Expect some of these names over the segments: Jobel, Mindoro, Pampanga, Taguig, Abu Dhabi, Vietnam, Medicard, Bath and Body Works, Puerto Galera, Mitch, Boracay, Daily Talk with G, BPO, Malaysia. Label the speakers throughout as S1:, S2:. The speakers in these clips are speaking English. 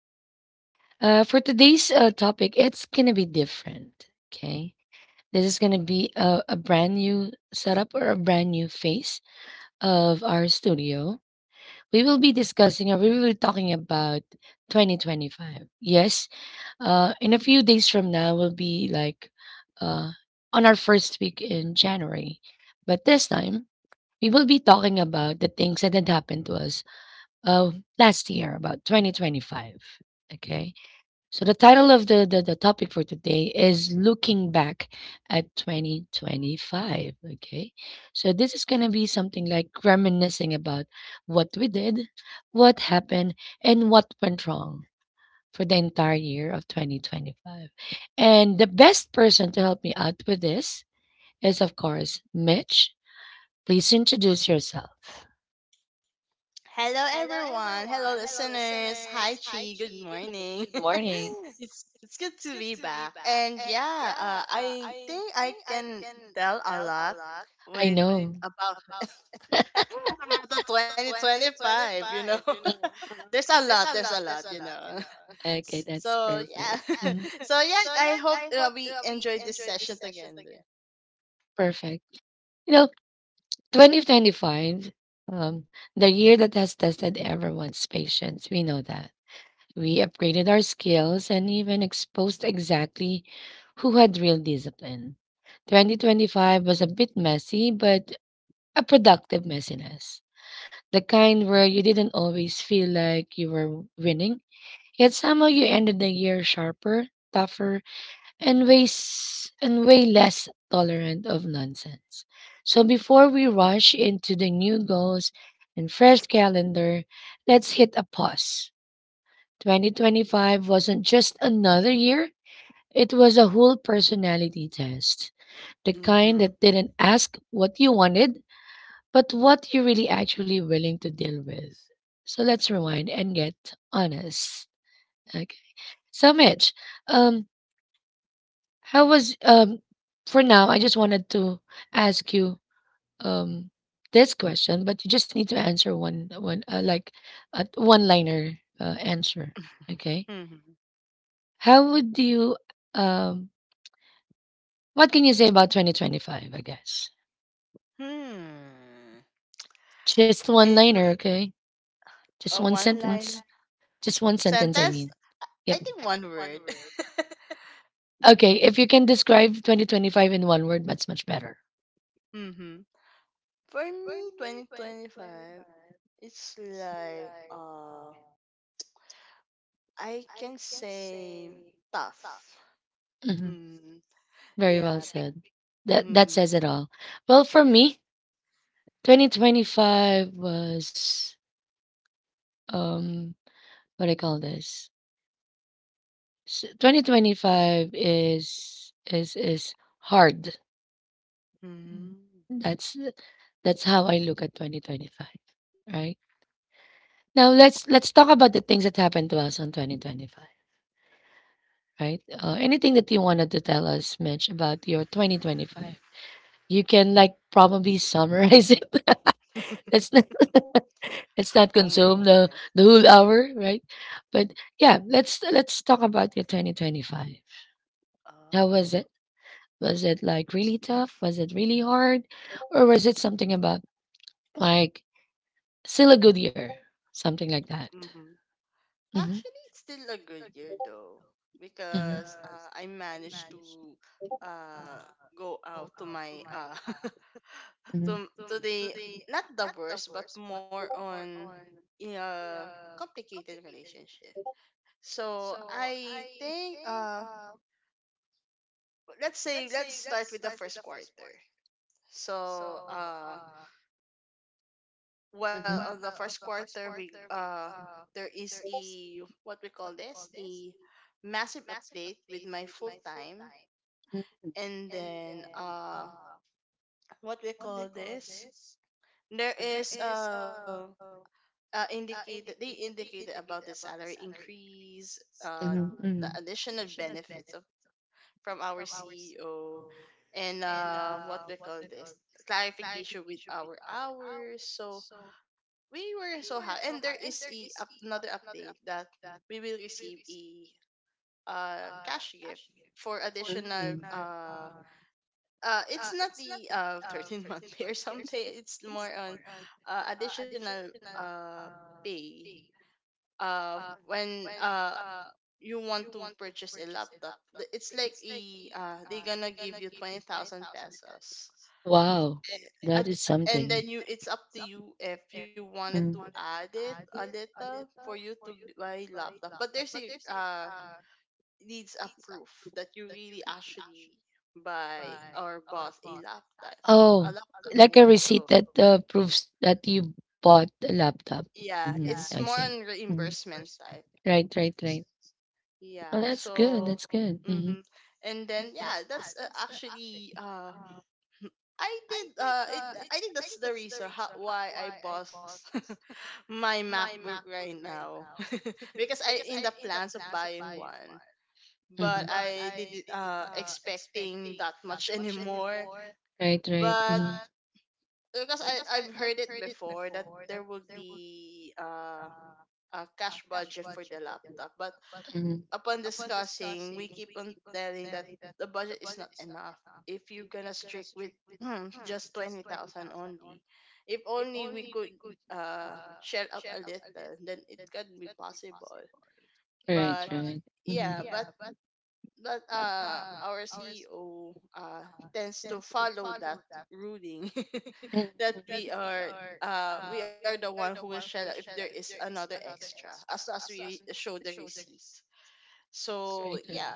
S1: 2. For today's topic, it's going to be different. Okay. This is going to be a brand new setup or a brand new face of our studio. We will be discussing or we will be talking about 2025. Yes. In a few days from now, we'll be like uh, on our first week in January. But this time, we will be talking about the things that had happened to us of last year, about 2025. Okay. So the title of the topic for today is Looking Back at 2025. Okay. So this is going to be something like reminiscing about what we did, what happened, and what went wrong for the entire year of 2025. And the best person to help me out with this is, of course, Mitch. Please introduce yourself.
S2: Hello, everyone. Hello, listeners. Hi, Chi. Good
S1: Mhm.
S2: morning.
S1: Good morning.
S2: It's good to be back. And yeah, I think I can tell a lot
S1: I
S2: with about about the 2025.
S1: know.
S2: There's a lot. There's a lot.
S1: Mhm. Okay, that's
S2: So
S1: perfect.
S2: yeah.
S1: Mhm.
S2: So yeah, I hope we enjoyed this session together.
S1: Perfect. You know, 2025, um, the year that has tested everyone's patience. We know that. We upgraded our skills and even exposed exactly who had real discipline. 2025 was a bit messy, but a productive messiness. The kind where you didn't always feel like you were winning, yet somehow you ended the year sharper, tougher, and way less tolerant of nonsense. So before we rush into the new goals and fresh calendar, let's hit a pause. 2025 wasn't just another year, it was a whole personality test. The kind
S2: Mm-hmm.
S1: that didn't ask what you wanted, but what you're really actually willing to deal with. So let's rewind and get honest. Okay. So Mitch, um, how was for now I just wanted to ask you um this question, but you just need to answer one like a one liner answer. Okay.
S2: Hmm.
S1: How would you um what can you say about 2025, I guess?
S2: Hmm.
S1: Just one
S2: In
S1: liner, okay?
S2: a
S1: Just one
S2: one line
S1: sentence. Just one sentence I
S2: sentence?
S1: mean.
S2: I
S1: Yep.
S2: think one word.
S1: Okay, if you can describe 2025 in one word, that's much better.
S2: Mm-hmm. For me, 2025, it's like I can say tough.
S1: Hmm.
S2: Mm.
S1: Very well
S2: Yeah.
S1: said. That
S2: Mm-hmm.
S1: says it all. Well, for
S2: Yeah.
S1: me, 2025 was um what do I call this? 2025 is hard.
S2: Mm-hmm.
S1: That's that's how I look at 2025, right? Now let's talk about the things that happened to us on 2025, right? Anything that you wanted to tell us, Mitch, about your 2025? You can like probably summarize it. let's not let's not
S2: Oh my
S1: consume
S2: goodness.
S1: the whole hour, right? But yeah, let's talk about your 2025. How
S2: Oh.
S1: was it? Was it like really tough? Was it really hard? Or was it something about like still a good year? Something like that.
S2: Mm-hmm.
S1: Mm-hmm.
S2: Actually, it's still a good year though
S1: Mm-hmm.
S2: because I managed to uh go out to my
S1: Mm-hmm.
S2: to the, not the worst but more on a complicated relationship. So I think let's say let's start with the first quarter. So well,
S1: Mm-hmm.
S2: on the first quarter, we there is a, what we call this, a massive update with my full time.
S1: Mm-hmm.
S2: And then what we call this, there is indicated they indicated about the salary increase, uh, the
S1: Mm-hmm.
S2: additional benefits of from our CEO, and what we call this, clarification with our hours. So we were so happy, and there is a, another update that we will receive a cash gift for additional.
S1: Mm.
S2: It's not the 13 month pay or something. It's more on additional pay uh when you want to purchase a laptop. It's like a they're gonna give you 20,000 pesos,
S1: Wow, it. That
S2: and,
S1: is
S2: and
S1: something.
S2: then you it's up to you if you wanted
S1: Mm.
S2: to add it a little for you to buy laptop, but there's a, needs a proof that you really actually buy or bought a laptop. A
S1: Oh, a
S2: laptop,
S1: like a
S2: yeah.
S1: receipt
S2: So
S1: that proves that you bought a laptop.
S2: yeah,
S1: Mm,
S2: it's
S1: I
S2: more
S1: it's
S2: on
S1: see. Mm.
S2: reimbursement type.
S1: Right, right, right. Oh,
S2: Yeah,
S1: that's good.
S2: so,
S1: Good. Mm-hmm.
S2: mm-hmm. And then yeah, that's actually I did it. I think that's the reason why I bought my MacBook right now, because I in the plans of buying one,
S1: Mm-hmm.
S2: but I didn't expecting that much anymore.
S1: Right, right.
S2: But because I've heard it before that there would be a cash budget for the laptop, but
S1: Mm-hmm.
S2: upon discussing, we keep on telling that the budget is not enough. If you're gonna strict with, just 20,000 only, if only we could shell out a little, then it can be possible.
S1: Mm-hmm. Right,
S2: But
S1: right.
S2: yeah, but
S1: Mm-hmm.
S2: our CEO tends to follow that ruling
S1: Mm-hmm.
S2: that we are, the one who will shell out if there is another extra as long as we show the receipt.
S1: Right,
S2: So
S1: right. Good.
S2: yeah.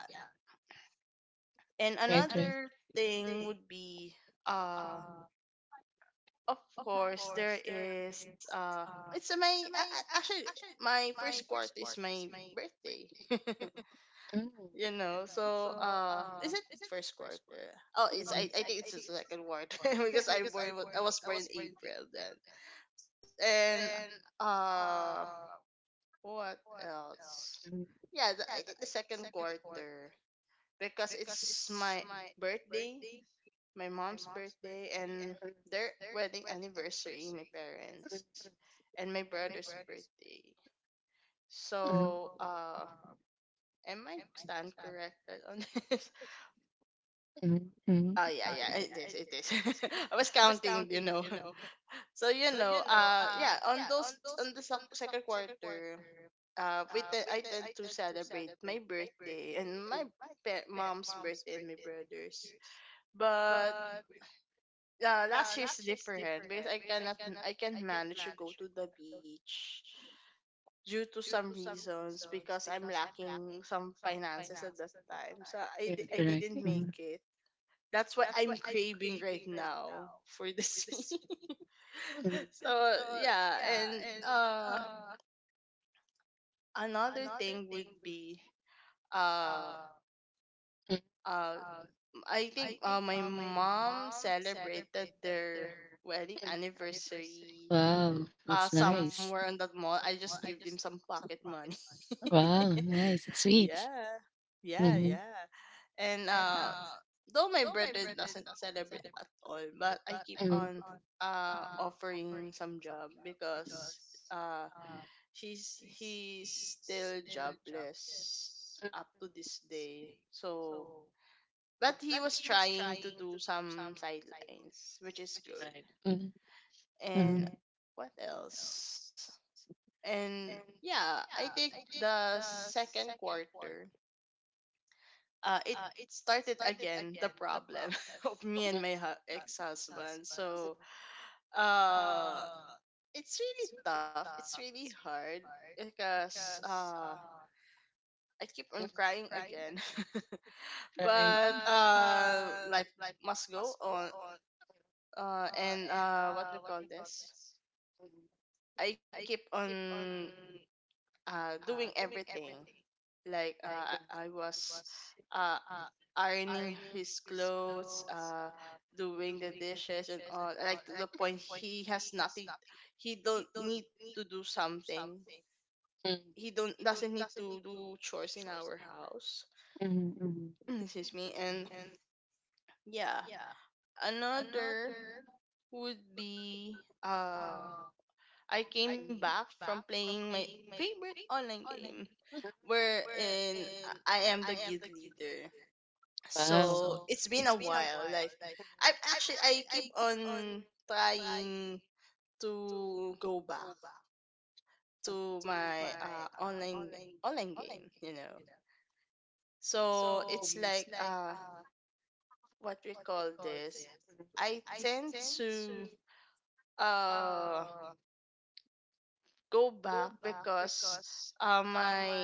S2: And
S1: And Right,
S2: another thing would be, uh, of course, there is, it's my, a- actually, my first quarter is my birthday.
S1: right. Mm.
S2: You know, so, is it first quarter? Oh,
S1: Mhm,
S2: I think it's the second quarter because I was born in April then. And, uh, what else?
S1: mhm,
S2: Yeah, I think the second quarter because it's my birthday, my mom's birthday, and their wedding anniversary, my parents, and my brother's birthday. So,
S1: mhm,
S2: am I stand corrected on this?
S1: mhm, mhm.
S2: Oh yeah, yeah, it is, it is. I was counting. So yeah, on the second quarter, I tend to celebrate my birthday and my mom's birthday and my brother's. But yeah, last year's different because I can't manage to go to the beach due to some reasons because I'm lacking some finances at that time. So
S1: You're
S2: I
S1: correct.
S2: didn't make
S1: Mhm,
S2: it. That's what I'm craving right now for the sea.
S1: mhm,
S2: So yeah, and another thing would be uh
S1: mhm,
S2: uh I think my mom celebrated their wedding
S1: mhm.
S2: anniversary
S1: that's
S2: somewhere in that mall. I just give them some pocket money.
S1: Wow, nice. That's sweet.
S2: Yeah. Yeah,
S1: Mm-hmm.
S2: yeah. And though my brother doesn't celebrate at all, but I keep on
S1: Mm-hmm.
S2: offering some job because he's still jobless up to this day. So, but he was trying to do some sidelines, which is good.
S1: Mm-hmm. Hmm.
S2: And what else? And yeah, I think the second quarter, it started again, the problem of me and my
S1: his
S2: ex-husband. So uh it's really tough, it's really hard because I keep on crying again,
S1: Right.
S2: but life must go on. Uh and what we call this, I keep on doing everything, like I was uh ironing his clothes, doing the dishes and all. Like, to the point he has nothing. He don't need to do something. He don't doesn't need to do chores in our house.
S1: Mm-hmm.
S2: Excuse me. And yeah, another would be, I came back from playing my favorite online game wherein I am the guild leader. So
S1: Wow.
S2: it's been a while, like I am actually, I keep on trying to go back to my online game, you know. So it's like what we call this, I tend to uh go back because uh my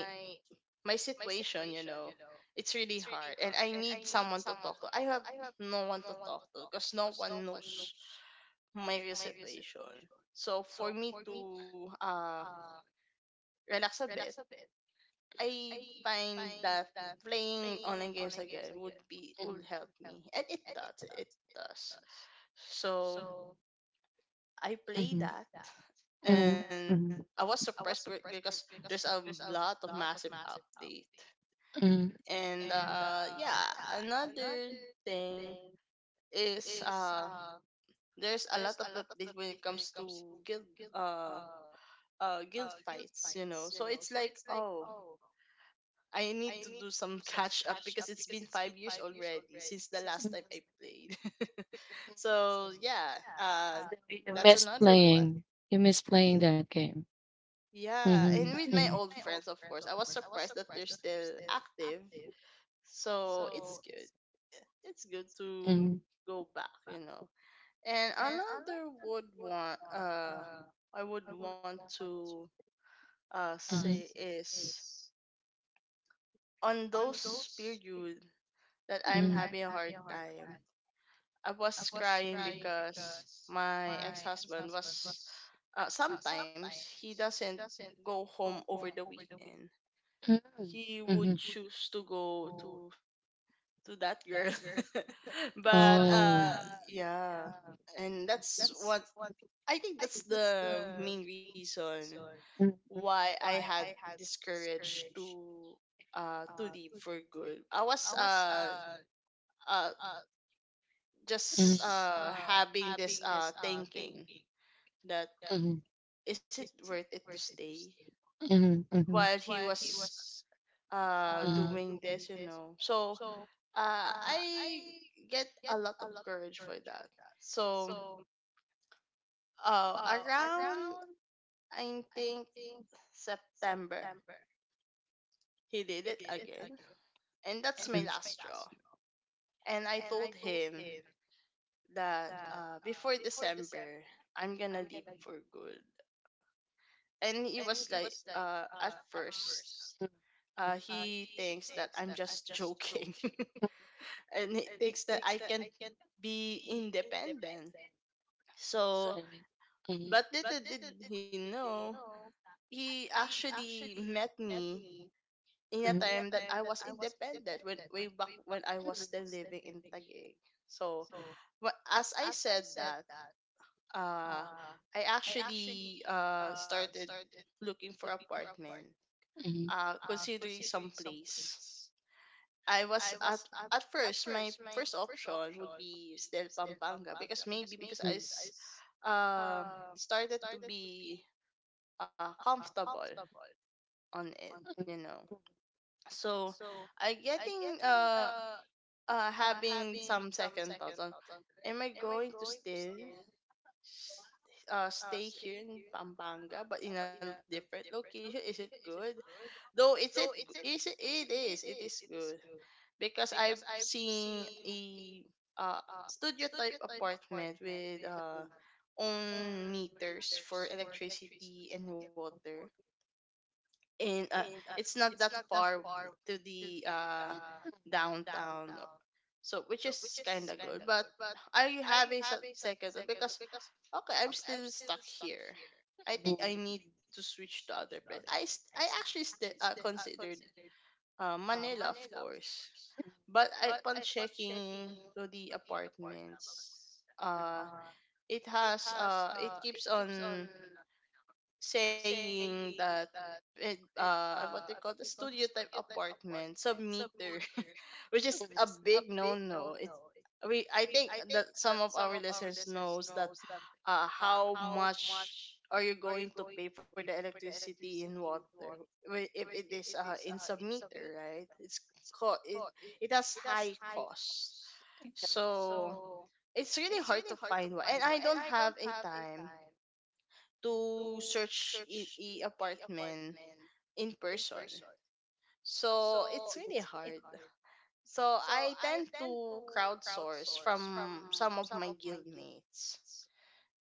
S2: my situation, you know, it's really hard and I need someone to talk to. I have no one to talk to because no one knows my real situation. So for me to relax a bit, I find that playing online games again would help me. And it does. It does. So I play that,
S1: Mm-hmm. mm
S2: and
S1: and
S2: I was surprised because there's a lot of massive update.
S1: Mm.
S2: And yeah, another thing is, there's a lot of update when it comes to guild, uh guild fights, so it's like, oh, I need to do some catch up because it's been 5 years already since the last time I played. So yeah, uh that's another one.
S1: playing. You miss playing that game.
S2: Yeah, and with my old
S1: It
S2: friends, of course, I was surprised that they're still active. So it's good, it's good
S1: Mm-hmm.
S2: to
S1: Mm-hmm.
S2: go back, you know. And another would want, I would want to say is, on those period that I'm
S1: is
S2: having a
S1: that
S2: hard time, I was crying because my ex-husband was, sometimes he doesn't go home over the weekend. He would
S1: Mm-hmm.
S2: choose to go to that girl. But
S1: But
S2: yeah, and that's what, I think that's the main reason
S1: Mm-hmm.
S2: why I had this courage to leave for good. I was uh just having this thinking that,
S1: Mm-hmm.
S2: is it worth it to stay
S1: Mm-hmm. Mm-hmm.
S2: while he was doing this, you know. So I get a lot of courage for that. So around, I think September, he did it again, and that's my last straw. And I told him that before December, I'm gonna leave for good. And he was like, at first, he thinks that I'm just joking and he thinks that I can be independent. So,
S1: Okay. Mhm.
S2: but little did he know, he actually met me in a
S1: Mhm.
S2: time that I was independent, when way back when I was still living in Taguig. So, as I said that, uh, I actually started looking for apartment,
S1: Mhm.
S2: considering some place. I was at, first, my first option would be still Pampanga because maybe because uh, started to be comfortable on it, you
S1: Mhm.
S2: know. So I getting, having some second thoughts on, am I going to still s- stay here in Pampanga but in a different location? Is it good? Though, is it g- is it it is good, because I've seen a uh, studio type apartment with own meters for electricity and water, and it's not that far to the downtown, so which is kind of good. But I have a second thought because, okay, I'm still stuck here. I think I need to switch to other place. I actually considered Manila, of course, but upon checking to the apartments, uh, it keeps on saying that what they call the studio type apartment submeter, which is a big no no. It's we I think that some of our listeners knows that, how much are you going to pay for the electricity and water, if it is in submeter, right? It's co- it it has high cost, so it's really hard to find one. And I don't have a time to search a apartment in person. So it's really hard. So I tend to crowdsource from some of my guildmates.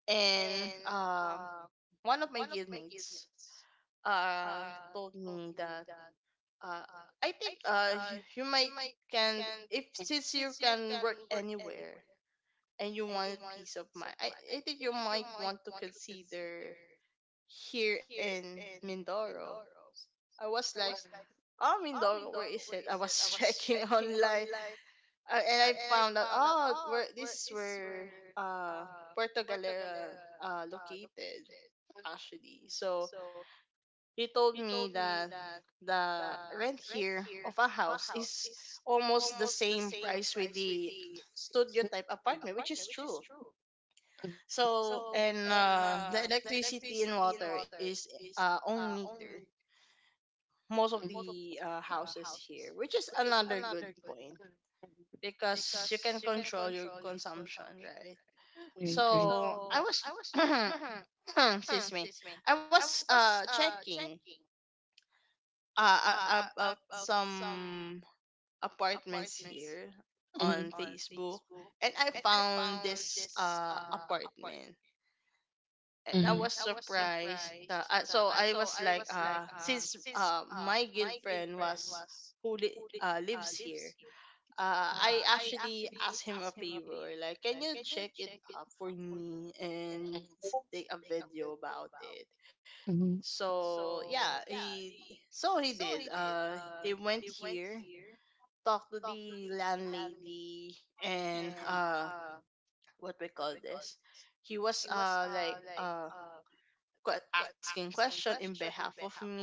S2: And one of my guildmates, uh, told me that, uh, I think you might, can, if since you can work anywhere and you want peace of mind, I think you might want to consider here in Mindoro. I was like, oh, Mindoro, where is it? I was checking online, and I found out, oh, where this is where uh, Puerto Galera located, actually. So he told me that the rent here of a house is almost the same price with the studio type apartment, which is true.
S1: Mhm.
S2: So And the electricity and water is on meter most of the houses here, which is another good point because you can control your consumption, right?
S1: Right,
S2: So I was excuse me, I was checking about some apartments here on
S1: Mhm.
S2: Facebook, and I found this apartment, and I
S1: Mhm.
S2: was surprised. So I was like, since my girlfriend was who lives here, I actually asked him a favor, like, can you check it up for me and take a video about it?
S1: Mhm.
S2: So yeah, he he did. He went here, talked to the landlady, and what we call this. He was asking question in behalf of me.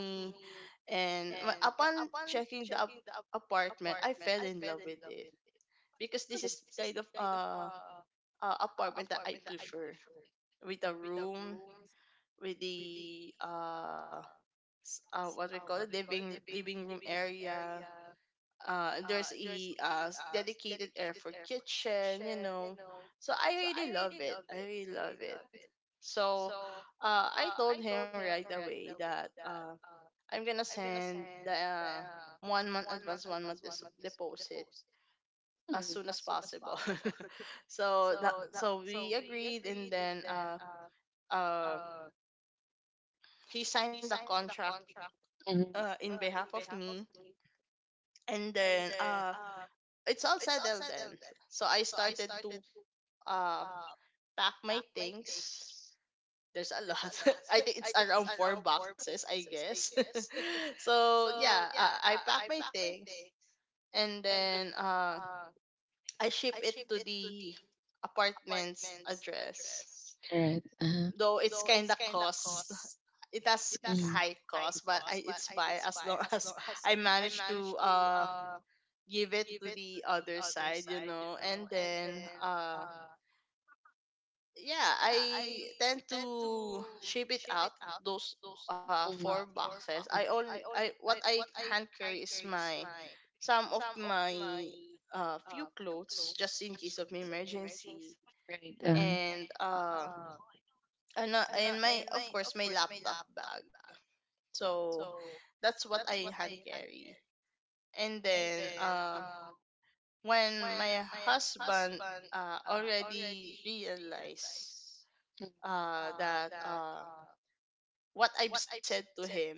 S2: And upon checking the apartment, I fell in love with it because this is kind of apartment that I prefer, with a room, with the what we call it, living room area. There's a dedicated air for kitchen, you know. So I really love it. I really love it. So I told him right away that I'm gonna send the 1 month advance, 1 month deposit as
S1: Mhm.
S2: soon as possible. So that so we agreed, and then uh he signed the contract
S1: Mhm.
S2: in behalf of me, and then it's all settled then. So I started to uh pack my things. There's a lot. I think it's around four boxes, I guess. So yeah, I pack my things, and then I ship it to the apartment's address.
S1: Right. Uh-huh.
S2: Though it's kind of cost. It has high cost, but it's fine as long as I manage to give it to the other side, you know. And then yeah, I tend to ship it out those four
S1: Mhm.
S2: boxes. I only I What I hand carry is my some of my few clothes, just in case of emergency,
S1: Uh-huh.
S2: and my, of course my, laptop bag. So that's what I hand carry. And then when my husband already realized that what I've said to him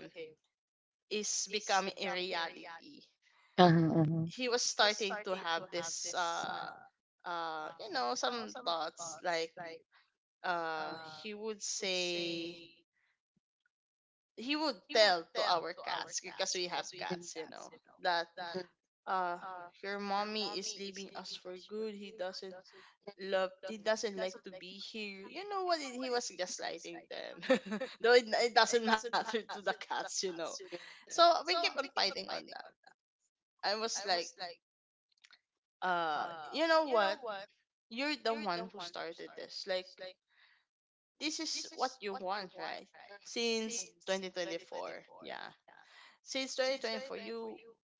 S2: is becoming a reality,
S1: Uh-huh. Uh-huh.
S2: he was starting to have this you know, some thoughts, like uh he would say he would tell to our cats, because we have cats, you know, that
S1: Mhm.
S2: uh your mommy is leaving us for good. He doesn't like to be here. You know what, he was gaslighting them. Though it doesn't matter to the cats, you know.
S1: Right,
S2: So
S1: right.
S2: we keep on fighting on that. I was like, you know what? You're the one who started this. Like, this is what you want, right? Since 2024. Yeah. Since 2024,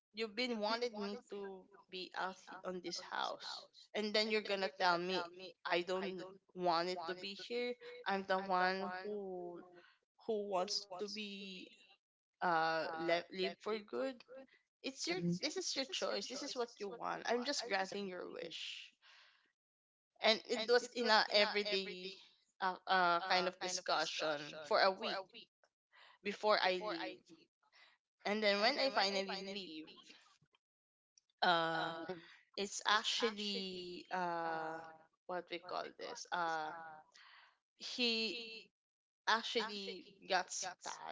S2: you've been wanting me to be out on this house, and then you're gonna tell me I don't want it to be here. I'm the one who wants to be live for good. It's your This is your choice, this is what you want, I'm just granting your wish. And it was in a everyday kind of discussion for a week before I leave. And then when I finally leave, uh it's actually what we call this, he actually got sad.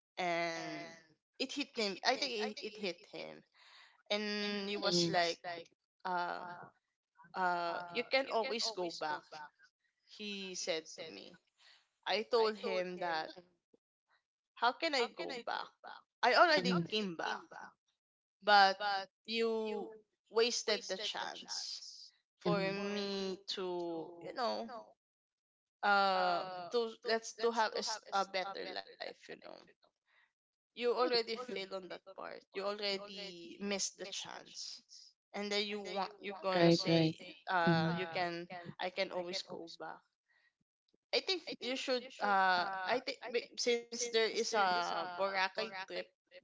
S2: And it hit him. I think it hit him, and he was like,
S1: it
S2: uh you can always go back, he said to me. I told him that,
S1: you
S2: how can I go back? I already came back, but you wasted the chance for
S1: Mhm.
S2: me to, you know, uh to, let's to have a better life, you know. You already fail on that part, you already missed the chance, and then you're gonna say,
S1: Mhm.
S2: you can, I can always go back. I think you should, since there is a Boracay trip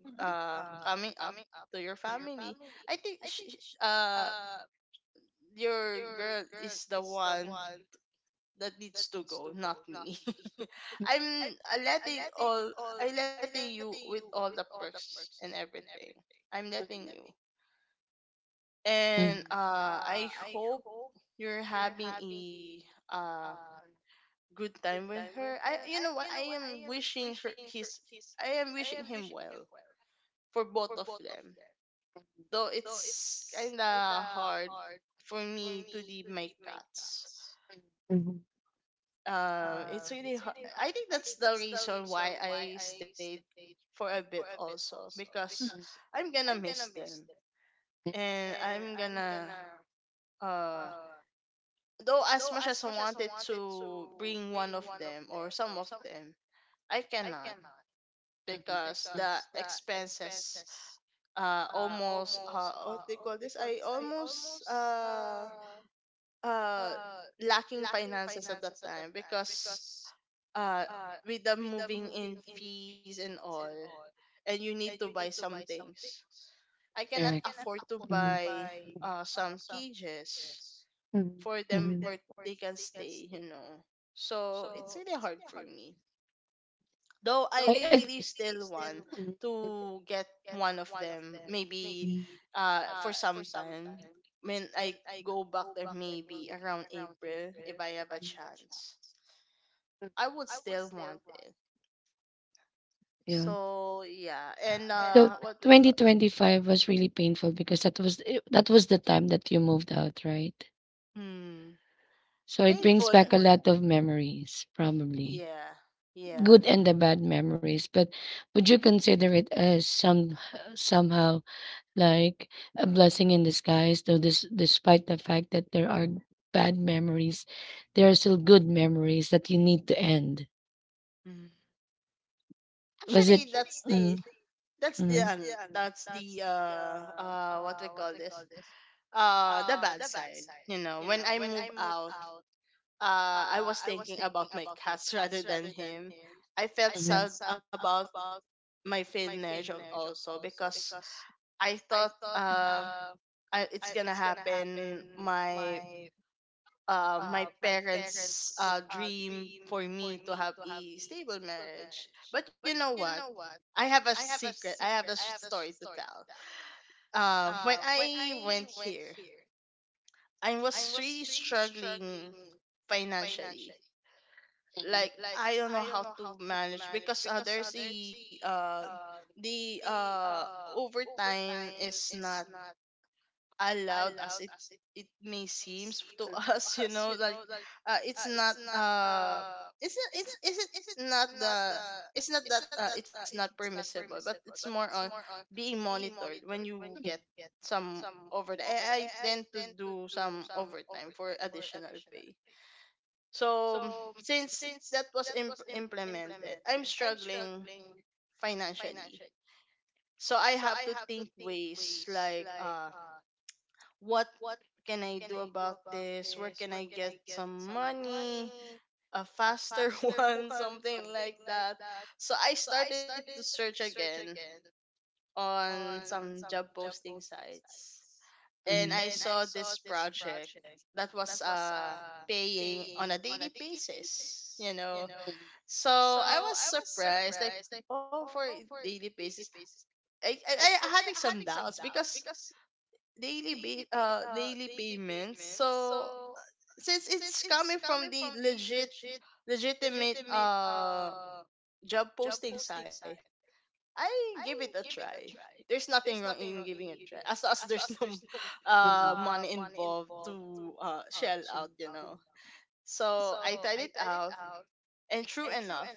S2: coming up to your family, I think uh your girl is the one that needs to go, not me.
S1: do
S2: I'm letting all, I letting you with all the perks and everything. I'm
S1: I
S2: letting you.
S1: Mhm.
S2: And I hope you're having a uh good time with her. I You know what, I am wishing him well for both of them. Though it's kinda hard for me to leave my cats.
S1: Mhm.
S2: It's really hard. I think that's the reason why I stayed for a bit, also because I'm gonna miss them. And I'm gonna, uh though as much as I wanted to bring one of them or some of them, I cannot, because the
S1: Mhm.
S2: expenses almost what they call this I almost uh lacking finances at that time, because uh with the moving in fees and all, and you need to buy some things, I cannot
S1: Correct.
S2: afford to buy
S1: Mhm.
S2: some cages
S1: Mhm.
S2: for
S1: for
S2: them
S1: Mhm.
S2: where they can stay, you know. So it's really hard for me, though I
S1: I-
S2: really
S1: I-
S2: still want
S1: Mhm.
S2: to get one of them, maybe for some time when I go back there, maybe around April, if I have a chance. I would still want it.
S1: Yeah.
S2: So yeah, and
S1: So
S2: what we call,
S1: 2025 was really painful because that was the time that you moved out, right?
S2: mm,
S1: So it brings
S2: painful.
S1: back a lot of memories, probably.
S2: Yeah, yeah.
S1: Good and the bad memories, but would you consider it as some somehow like a blessing in disguise, though this despite the fact that there are bad memories, there are still good memories that you need to end.
S2: Mm.
S1: Was
S2: Actually,
S1: it Mm.
S2: that's
S1: the
S2: the um,
S1: Mm.
S2: that's the what we call this, the bad side. You know, when I move out, I was thinking about my cats rather than him. I felt
S1: Mm.
S2: sad about my failed marriage, also because I thought, it's gonna happen, my my parents' dream for me to have a stable marriage. But you know what? I have a secret. I have a story to tell. When I went here, I was really struggling financially.
S1: Mm.
S2: Like,
S1: A.
S2: I don't know how to manage because there's a the overtime is not allowed, as it may seems to us, you know, like, it's not it's not it's is it not the it's not that, it's not permissible, but it's more on being monitored when you get some over. I tend to do some overtime for additional pay. So since that was implemented, I'm struggling financially. So I have to think ways, like, what can I do about this? Where can I get some money? A faster one, something like that. So I started to search again on some job posting sites, and
S1: Mhm.
S2: I saw this project that was paying on a daily basis, you know. So I was surprised, like, oh, for daily basis, I having some doubts because daily payments. So since it's coming from the legitimate job posting site, I give it a try. There's nothing wrong in giving it a try, as long as there's no
S1: Mhm.
S2: money involved to shell out, you know. So I tried it out, and true enough,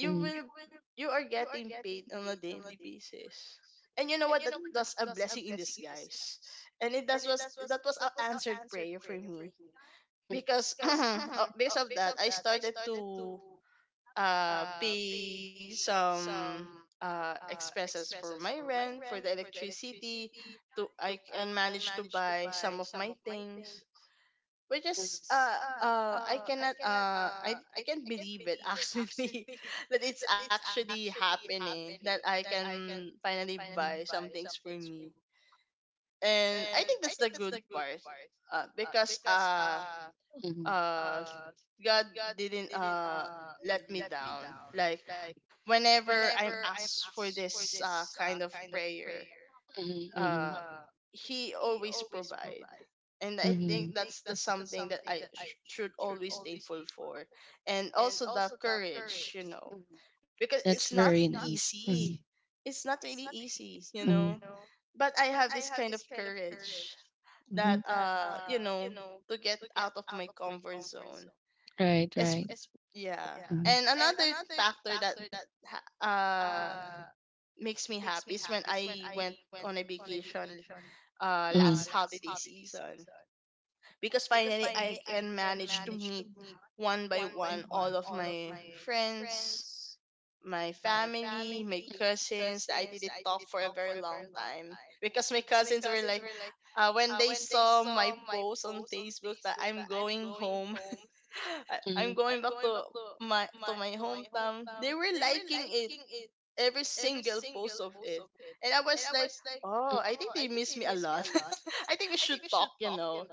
S2: you
S1: Mhm.
S2: will you are getting paid on a daily basis. And you know what, that was a blessing in disguise. And it that was an answered prayer for me,
S1: Mhm.
S2: because because of that, I started to pay some expenses for my rent, for the electricity. To I can manage to buy some of my things, which
S1: Mhm.
S2: is, I cannot, I can't believe it actually, that it's actually happening, that I can finally buy some things for me. And I think that's the good part, because
S1: Mhm.
S2: uh God didn't let me down.
S1: Mhm.
S2: Like, whenever I'm asked for this kind of prayer,
S1: Mhm. Mhm.
S2: uh he always provide. And I
S1: Mhm.
S2: think that's the something that I should always thankful
S1: For.
S2: for. And also the courage, you know.
S1: Mhm.
S2: Because it's not easy. It's not really easy, you
S1: Mhm.
S2: know.
S1: Mhm.
S2: But I have this kind of courage
S1: Mhm.
S2: that, you know, to get out of my comfort zone,
S1: Right, right.
S2: yeah. And another factor that ha- uh makes me happy is when I went on a vacation
S1: Mhm.
S2: last holiday season, because finally I can manage to meet one by one all of my friends, my family, my cousins, that I didn't talk for a very long time. Because my cousins were like, when they saw my post on Facebook that I'm going home, I'm
S1: Mhm.
S2: going back to my hometown, they were liking it, every single post of it, and I was like, oh, I think they miss me a lot. I think we should talk, you know.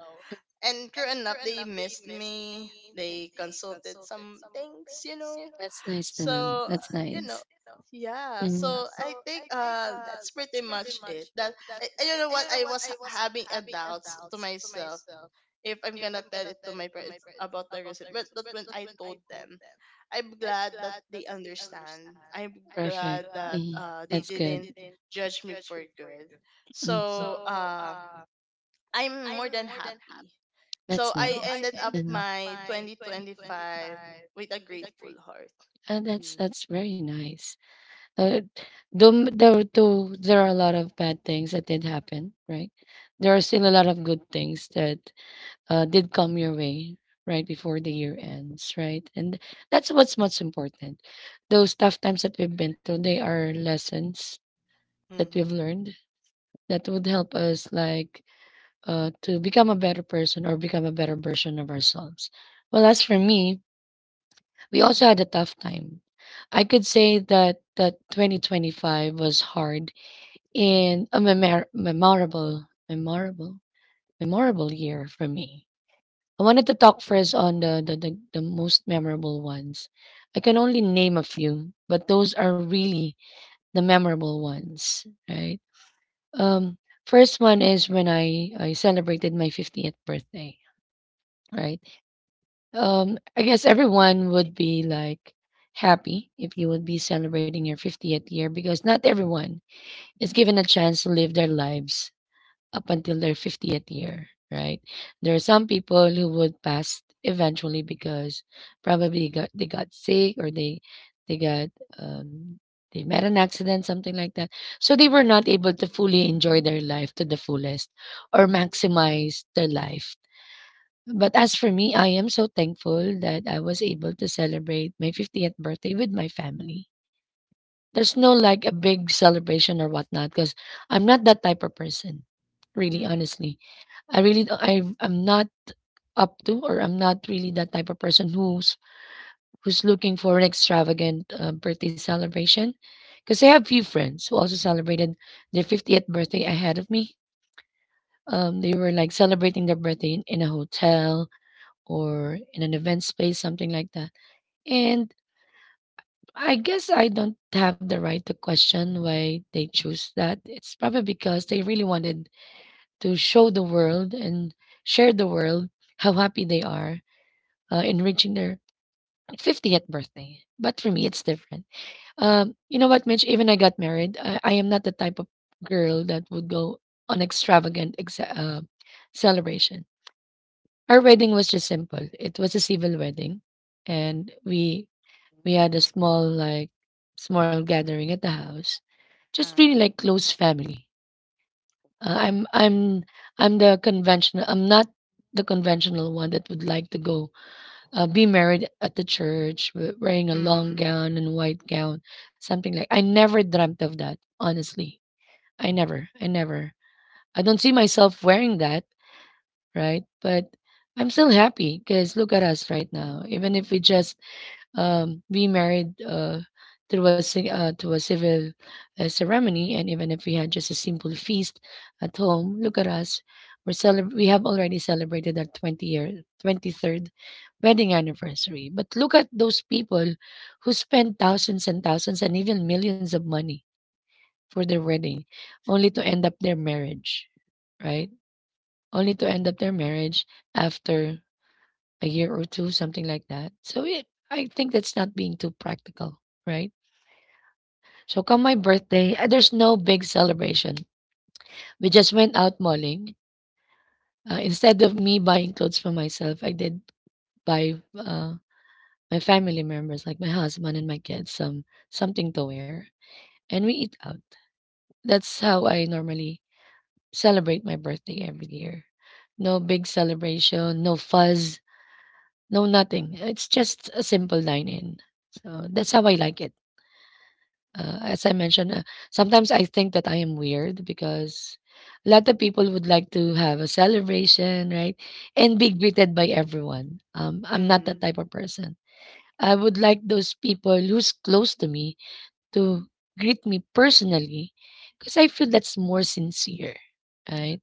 S2: And true enough, they missed me. They consulted some things, you know.
S1: That's nice to know. Some.
S2: So,
S1: That's
S2: you
S1: nice.
S2: know, yeah.
S1: Mhm.
S2: So I think that's pretty much it. You know what, having a doubts to myself if I'm gonna tell it to my parents about the recipe. But that when I told them, I'm glad that they understand. I'm
S1: really
S2: glad
S1: Perfect.
S2: that
S1: Mhm.
S2: they
S1: That's
S2: didn't
S1: good.
S2: judge me for good.
S1: Mhm.
S2: So I'm more than happy. So
S1: That's so nice.
S2: I ended up my
S1: Mhm.
S2: 2025 with a grateful heart. Mm-hmm.
S1: That's very nice. Uh, though there are a lot of bad things that did happen, right? There are still a lot of good things that did come your way right before the year ends, right? And that's what's most important. Those tough times that we've been through, they are lessons that
S2: Mm-hmm.
S1: we've learned that would help us like to become a better person or become a better version of ourselves. Well, as for me, we also had a tough time. I could say that 2025 was hard in a memorable year for me. I wanted to talk first on the most memorable ones. I can only name a few, but those are really the memorable ones, right? Um, first one is when I celebrated my 50th birthday, right? I guess everyone would be like happy if you would be celebrating your 50th year because not everyone is given a chance to live their lives up until their 50th year, right? There are some people who would pass eventually because they got sick or they got um, they met an accident, something like that. So they were not able to fully enjoy their life to the fullest or maximize their life. But as for me, I am so thankful that I was able to celebrate my 50th birthday with my family. There's no like a big celebration or whatnot because I'm not that type of person, really honestly. I really I I'm not up to, or I'm not really that type of person who's looking for an extravagant birthday celebration, because I have few friends who also celebrated their 50th birthday ahead of me. They were like celebrating their birthday in a hotel or in an event space, something like that. And I guess I don't have the right to question why they choose that. It's probably because they really wanted to show the world and share the world how happy they are, in reaching their 50th birthday. But for me, it's different. You know what, Mitch? Even I got married, I am not the type of girl that would go on extravagant celebration. Our wedding was just simple. It was a civil wedding, and we had
S2: Mm.
S1: a small like small gathering at the house, just really
S2: Uh,
S1: like close family. Uh,
S2: wow.
S1: I'm I'm I'm the conventional. I'm not the conventional one that would like to go be married at the church, wearing a long
S2: Mm-hmm.
S1: gown and white gown, something like. I never dreamt of that, honestly. I never. I don't see myself wearing that, right? But I'm still happy because look at us right now. Even if we just we married to a civil ceremony, and even if we had just a simple feast at home, look at us. We have already celebrated our 20 year 23rd wedding anniversary. But look at those people who spend thousands and thousands and even millions of money for their wedding only to end up their marriage, right? Only to end up their marriage after a year or two, something like that. So it, I think that's not being too practical, right? So come my birthday, there's no big celebration. We just went out malling. Instead of me buying clothes for myself, I did buy my family members, like my husband and my kids, something to wear, and we eat out. That's how I normally celebrate my birthday every year. No big celebration, no fuzz, no nothing. It's just a simple dine in. So that's how I like it. As I mentioned, sometimes I think that I am weird because a lot of people would like to have a celebration, right? And be greeted by everyone. I'm not that
S2: Mm-hmm.
S1: type of person. I would like those people who's close to me to greet me personally because I feel that's more sincere, right?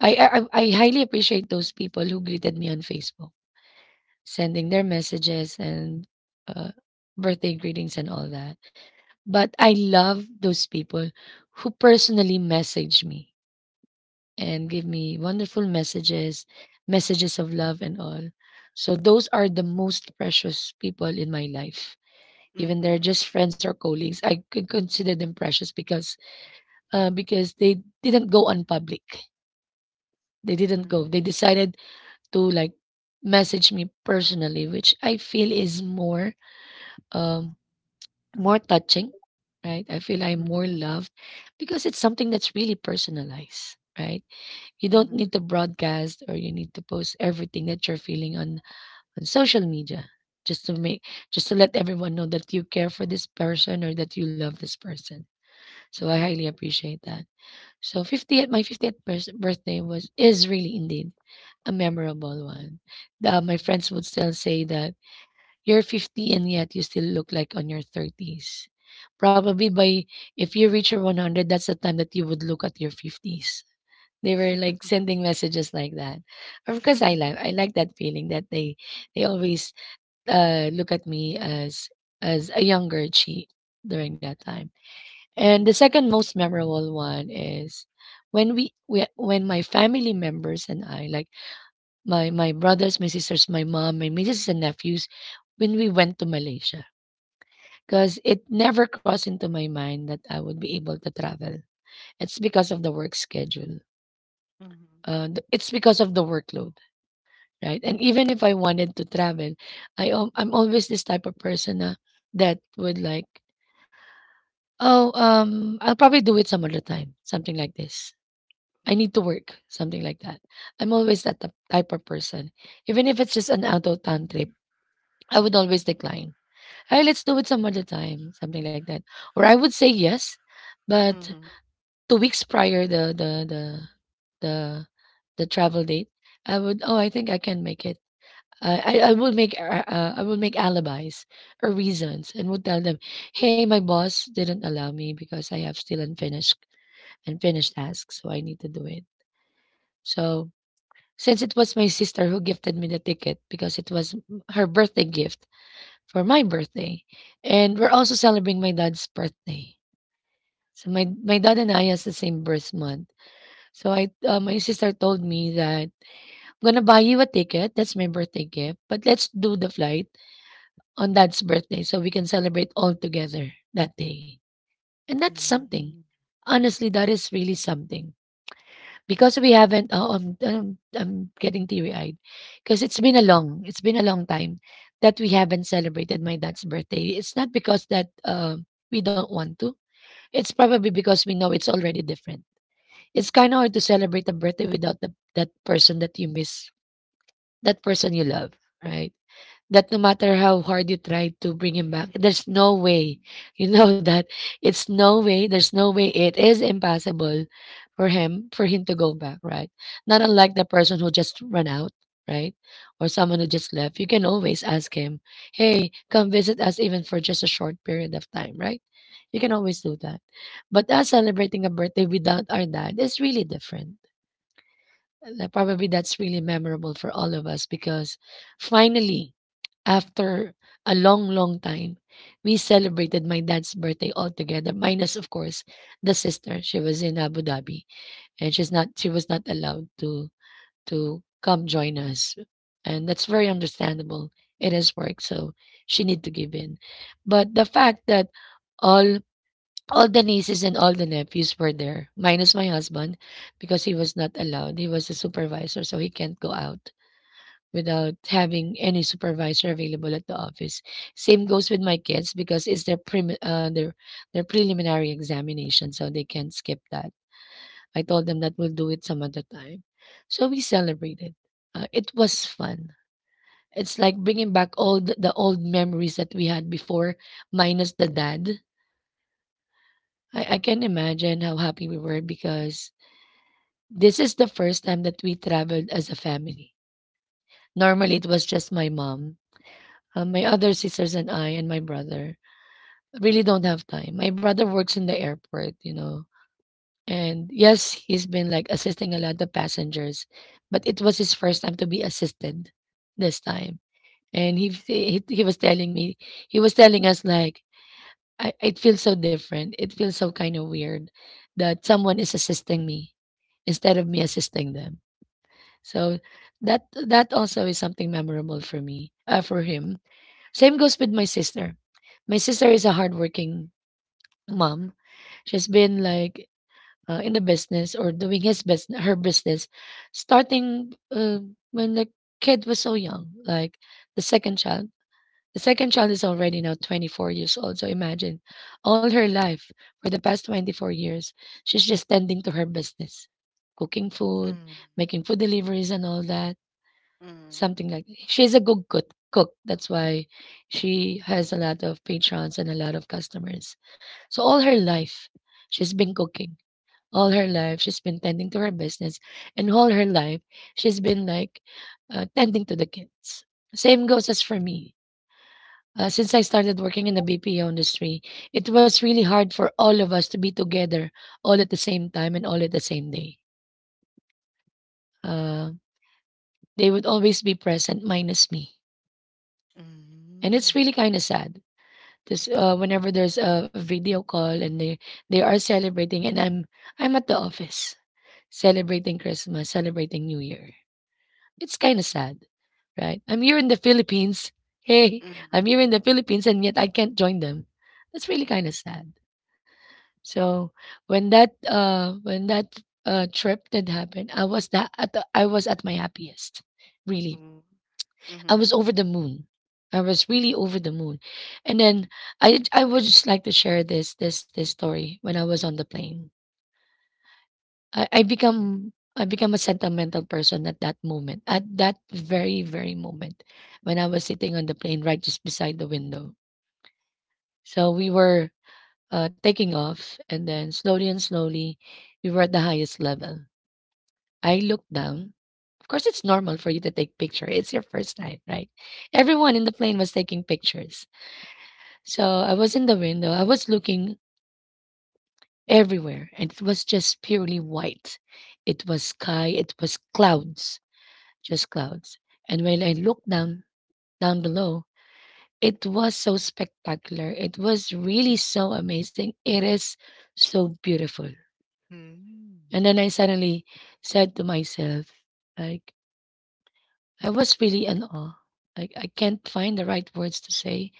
S1: I highly appreciate those people who greeted me on Facebook, sending their messages and uh, birthday greetings and all that. But I love those people who personally message me and give me wonderful messages, messages of love and all. So those are the most precious people in my life. Even they're
S2: Mm-hmm.
S1: just friends or colleagues, I could consider them precious because they didn't go on public. They didn't go.
S2: Mm-hmm.
S1: They decided to like message me personally, which I feel is more um, more touching, right? I feel I'm
S2: Mm-hmm.
S1: more loved because it's something that's really personalized, right? You don't
S2: Mm-hmm.
S1: need to broadcast or you need to post everything that you're feeling on social media just to make just to let everyone know that you care for this person or that you love this person. So I
S2: Mm-hmm.
S1: highly appreciate that. So 50th birthday was is really indeed a memorable one. My friends would still say that you're 50 and yet you still look like on your 30s. Probably by if you reach your 100, that's the time that you would look at your 50s. They were like
S2: Mm.
S1: sending messages like that. Of course, I like that feeling that they always look at me as a younger Chi during that time. And
S2: Yeah.
S1: the second most memorable one is when we when my family members and I, like my brothers, my sisters, my mom, my nieces and nephews, when we went to Malaysia, because it never crossed into my mind that I would be able to travel. It's because of the work schedule.
S2: Mhm.
S1: It's because of the workload, right? And even if I wanted to travel, I'm always this type of person na, that would like, oh, I'll probably do it some other time, something like this. I need to work, something like that. I'm always that type of person. Even if it's just an out of town trip, I would always decline. Hey, let's do it some other time, something like that. Or I would say yes, but
S2: Mhm.
S1: 2 weeks prior the the travel date, I would, "Oh, I think I can make it." I will I will make alibis or reasons and would tell them, "Hey, my boss didn't allow me because I have still unfinished tasks, so I need to do it." So since it was my sister who gifted me the ticket because it was her birthday gift for my birthday, and we're also celebrating my dad's birthday. So my dad and I has the same birth month. So I my sister told me that I'm gonna buy you a ticket. That's my birthday gift. But let's do the flight on Dad's birthday so we can celebrate all together that day. And that's something.
S2: Mhm.
S1: Honestly, that is really something because we haven't. Oh, I'm getting teary-eyed because it's been a long time that we haven't celebrated my dad's birthday. It's not because that we don't want to. It's probably because we know it's already different. It's kind of hard to celebrate a birthday without that person that you miss, that person you love, right? That no matter how hard you try to bring him back, there's no way. You know that it's no way. There's no way. It is impossible for him to go back, right? Not unlike the person who just ran out, right? Or someone who just left. You can always ask him, "Hey, come visit us, even for just a short period of time," right? You can always do that. But us celebrating a birthday without our dad is really different. Probably that's really memorable for all of us because finally, after a long, long time, we celebrated my dad's birthday all together, minus, of course, the sister. She was in Abu Dhabi and she was not allowed to come join us. And that's very understandable. It is work, so she need to give in. But the fact that all, all the nieces and all the nephews were there, minus my husband, because he was not allowed. He was a supervisor, so he can't go out without having any supervisor available at the office. Same goes with my kids because it's their their preliminary examination, so they can't skip that. I told them that we'll do it some other time. So we celebrated. It was fun. It's like bringing back all the old memories that we had before, minus the dad. I can imagine how happy we were because this is the first time that we traveled as a family. Normally, it was just my mom. My other sisters and I and my brother really don't have time. My brother works in the airport, you know. And yes, he's been like assisting a lot of passengers, but it was his first time to be assisted this time. And he was telling me, he was telling us like, I, it feels so different. It feels so kind of weird that someone is assisting me instead of me assisting them. So that also is something memorable for me, for him. Same goes with my sister. My sister is a hardworking mom. She's been like in the business or doing her business, starting when the kid was so young, like the second child. The second child is already now 24 years old. So imagine all her life for the past 24 years, she's just tending to her business, cooking food,
S2: Mhm.
S1: making food deliveries, and all that.
S2: Mhm.
S1: Something like that. She's a good cook. That's why she has a lot of patrons and a lot of customers. So all her life, she's been cooking. All her life, she's been tending to her business, and all her life, she's been like tending to the kids. Same goes as for me. Since I started working in the BPO industry, it was really hard for all of us to be together all at the same time and all at the same day. Uh, they would always be present, minus me. And it's
S2: Mhm.
S1: really kind of sad. Just whenever there's a video call and they are celebrating, and I'm at the office celebrating Christmas, celebrating New Year. It's kind of sad, right? I'm here in the Philippines. Hey,
S2: Mm-hmm.
S1: I'm here in the Philippines, and yet I can't join them. That's really kind of sad. So when that trip did happen, I was at my happiest,
S2: Mhm.
S1: really.
S2: Mhm.
S1: I
S2: Mhm.
S1: was over the moon. I was really over the moon. And then I would just like to share this story when I was on the plane. I become a sentimental person at that moment, at that very, very moment when I was sitting on the plane right just beside the window. So we were taking off, and then slowly and slowly, we were at the highest level. I looked down. Of course, it's normal for you to take picture. It's your first time, right? Everyone in the plane was taking pictures. So I was in the window. I was looking everywhere, and it was just purely white. It was sky. It was clouds, just clouds. And when I looked down down below, it was so spectacular. It was really so amazing. It is so beautiful.
S2: Mhm.
S1: And then I suddenly said to myself, like I was really in awe. Like I can't find the right words to say.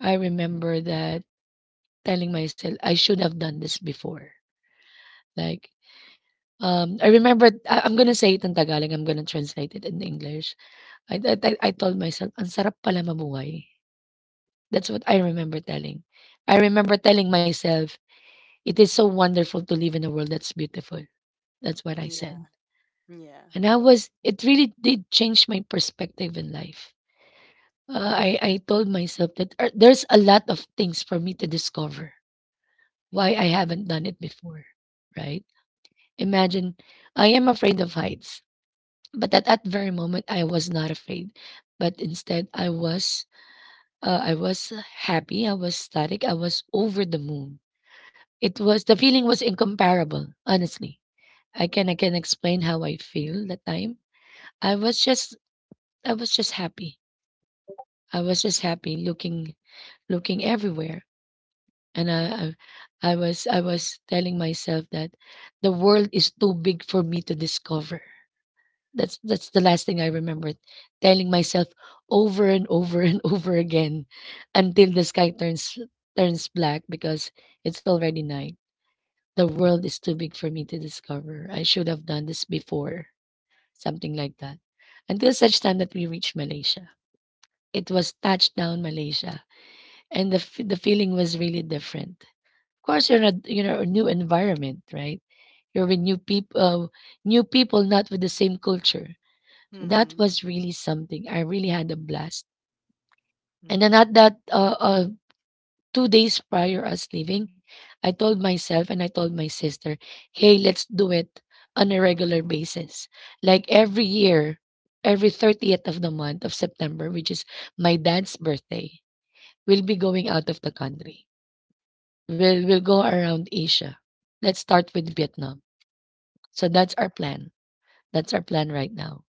S1: I remember that telling myself I should have done this before. Like I remember I'm gonna say it in Tagalog, I'm gonna translate it in English. I I told myself, "Ang sarap pala mabuhay." That's what I remember telling. I remember telling myself, "It is so wonderful to live in a world that's beautiful." That's what I
S2: Yeah.
S1: said.
S2: Yeah.
S1: And I was it really did change my perspective in life. I told myself that there's a lot of things for me to discover. Why I haven't done it before, right? Imagine I am afraid of heights, but at that very moment I was not afraid, but instead I was uh, i was happy, I was static, I was over the moon. It was the feeling was incomparable honestly. I can explain how I feel that time. i was just I was just happy. I was just happy looking looking everywhere. And I was I was telling myself that the world is too big for me to discover. That's the last thing I remembered telling myself over and over and over again until the sky turns black because it's already night. The world is too big for me to discover. I should have done this before. Something like that. Until such time that we reached Malaysia. It was touchdown Malaysia, and the feeling was really different. Of course you're not, you know, a new environment, right? You're with new people, new people not with the same culture, so that
S2: Mhm.
S1: was really something. I really had a blast. And then at
S2: Mhm.
S1: that, 2 days prior us leaving, I told myself and I told my sister, hey, let's do it on a regular basis. Like every year, every 30th of the month of September, which is my dad's birthday, we'll be going out of the country. We'll go around Asia. Let's start with Vietnam. So that's our plan. That's our plan right now.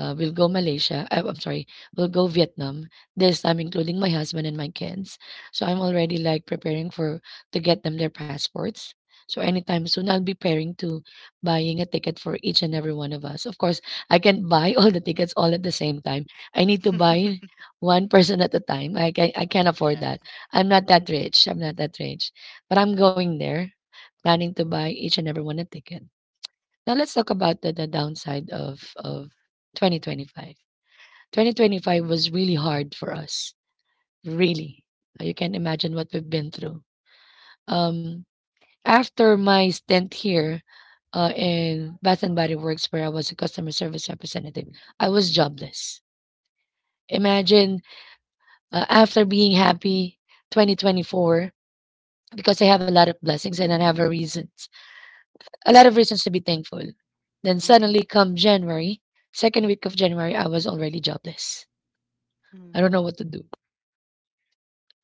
S1: We'll go Malaysia. I'm sorry, we'll go Vietnam. This time, including my husband and my kids. So I'm already like preparing for to get them their passports. So anytime soon, I'll be preparing to buying a ticket for each and every one of us. Of course, I can't buy all the tickets all at the same time. I need to buy one person at a time. I can't afford
S2: Yeah.
S1: that. I'm not
S2: Mhm.
S1: that rich. I'm not that rich, but I'm going there, planning to buy each and every one a ticket. Now let's talk about the downside of 2025. 2025 was really hard for us. Really. You can imagine what we've been through. Um After my stint here in Bath and Body Works where I was a customer service representative, I was jobless. Imagine after being happy 2024 because I have a lot of blessings and I have a reason a lot of reasons to be thankful. Then
S2: Mhm.
S1: suddenly come January, second week of January, I was already jobless. I don't know
S2: Mhm.
S1: what to do.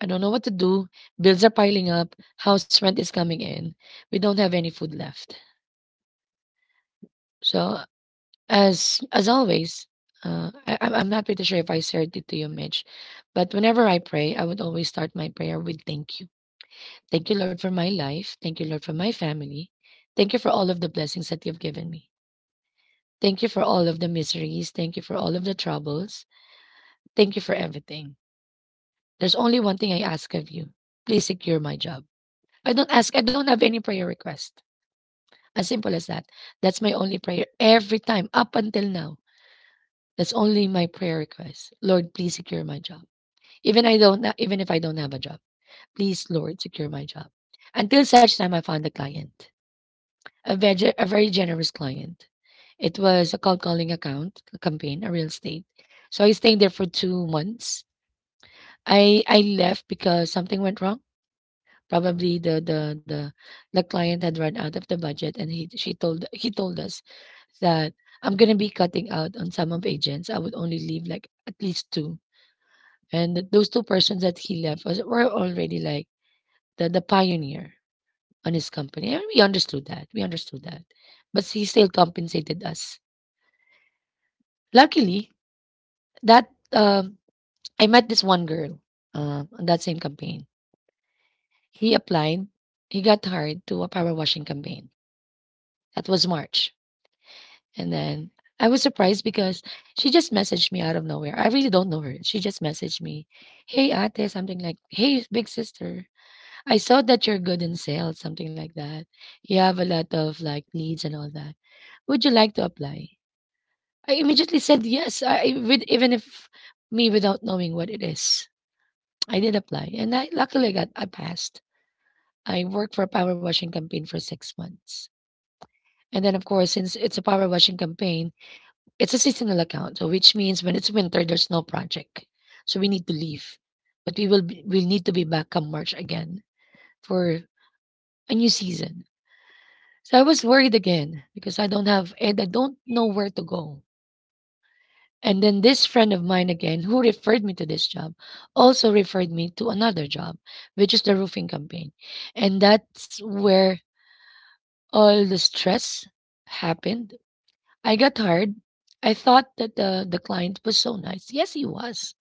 S1: I don't know what to do. Bills are piling up. House rent is coming in. We don't have any food left. So as always, I'm not pretty sure if I shared it to you, Mitch, but whenever I pray, I would always start my prayer with thank you. Thank you, Lord, for my life. Thank you, Lord, for my family. Thank you for all of the blessings that you've given me. Thank you for all of the miseries. Thank you for all of the troubles. Thank you for everything. There's only one thing I ask of you. Please secure my job. I don't ask, I don't have any prayer request. As simple as that. That's my only prayer every time up until now. That's only my prayer request. Lord, please secure my job. Even I don't even if I don't have a job. Please, Lord, secure my job. Until such time I found a client. A very generous client. It was a cold calling account a campaign, a real estate. So I stayed there for 2 months. I left because something went wrong. Probably the client had run out of the budget, and he told us that I'm gonna be cutting out on some of agents. I would only leave like at least two, and those two persons that he left were already like the pioneer on his company, and we understood that. We understood that, but he still compensated us. Luckily, that um, I met this one girl on that same campaign. He applied. He got hired to a power washing campaign. That was March, and then I was surprised because she just messaged me out of nowhere. I really don't know her. She just messaged me, "Hey, Ate," something like, "Hey, big sister, I saw that you're good in sales," something like that. You have a lot of like leads and all that. Would you like to apply? I immediately said yes, even if me without knowing what it is. I did apply, and I passed. I worked for a power washing campaign for 6 months. And then, of course, since it's a power washing campaign, it's a seasonal account, so which means when it's winter, there's no project, so we need to leave. But we'll need to be back come March again for a new season. So I was worried again because I don't have and I don't know where to go. And then this friend of mine again, who referred me to this job, also referred me to another job, which is the roofing campaign. And that's where all the stress happened. I got hired. I thought that the client was so nice. Yes, he was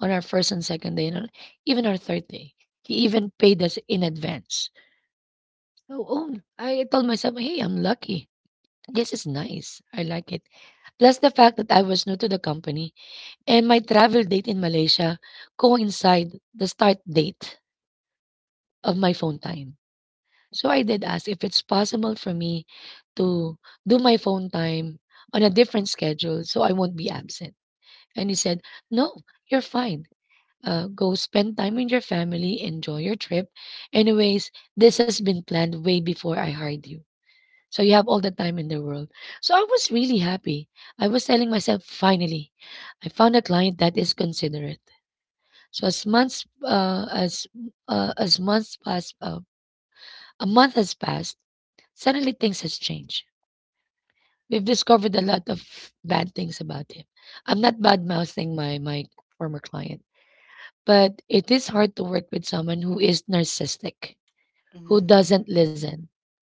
S1: on our first and second day, and even our third day. He even paid us in advance. So, oh, I told myself, hey, I'm lucky. This is nice. I like it. Plus the fact that I was new to the company and my travel date in Malaysia coincide the start date of my phone time. So I did ask if it's possible for me to do my phone time on a different schedule so I won't be absent. And he said, no, you're fine. Go spend time with your family, enjoy your trip. Anyways, this has been planned way before I hired you. So you have all the time in the world. So I was really happy. I was telling myself, finally, I found a client that is considerate. So as months pass, a month has passed. Suddenly things has changed. We've discovered a lot of bad things about him. I'm not bad mouthing my former client, but it is hard to work with someone who is narcissistic, who doesn't
S2: Mhm.
S1: listen.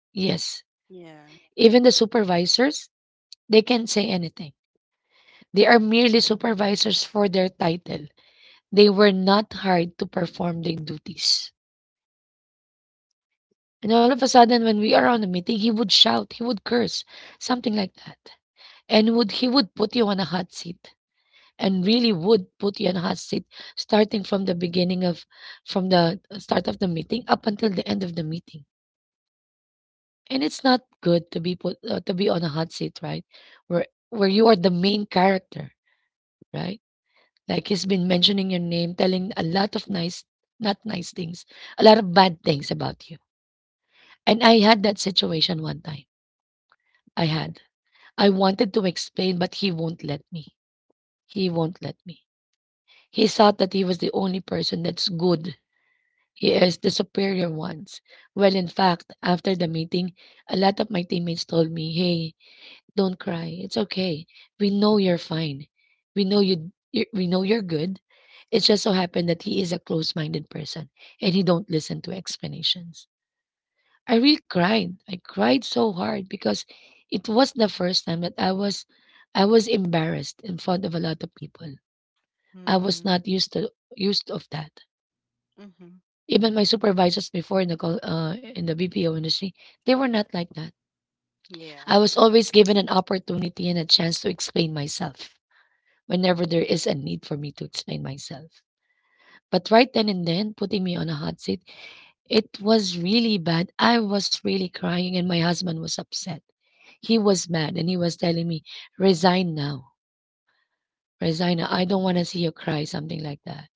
S1: Yes,
S2: Yeah.
S1: even the supervisors, they can say anything. They are merely supervisors for their title. They were not hired to perform their duties. And all of a sudden, when we are on a meeting, he would shout, he would curse, something like that. And would he would put you on a hot seat and really would put you on a hot seat starting from the beginning of from the start of the meeting up until the end of the meeting. And it's not good to be on a hot seat, right? Where where you are the main character, right? Like he's been mentioning your name, telling a lot of nice not nice things, a lot of bad things about you. And I had that situation one time. I had. I wanted to explain, but he won't let me. He won't let me. He thought that he was the only person that's good. He is the superior ones. Well, in fact, after the meeting, a lot of my teammates told me, "Hey, don't cry. It's okay. We know you're fine. We know you're good." It just so happened that he is a close-minded person, and he don't listen to explanations. I really cried. I cried so hard because it was the first time that I was embarrassed in front of a lot of people. I was
S2: Mhm.
S1: not used to Used of that.
S2: Mhm.
S1: Even my supervisors before in the call, in the BPO industry, they were not like that.
S2: Yeah.
S1: I was always given an opportunity and a chance to explain myself whenever there is a need for me to explain myself. But right then and then, putting me on a hot seat, it was really bad. I was really crying, and my husband was upset. He was mad and he was telling me, resign now. Resign now. I don't want to see you cry, something like that.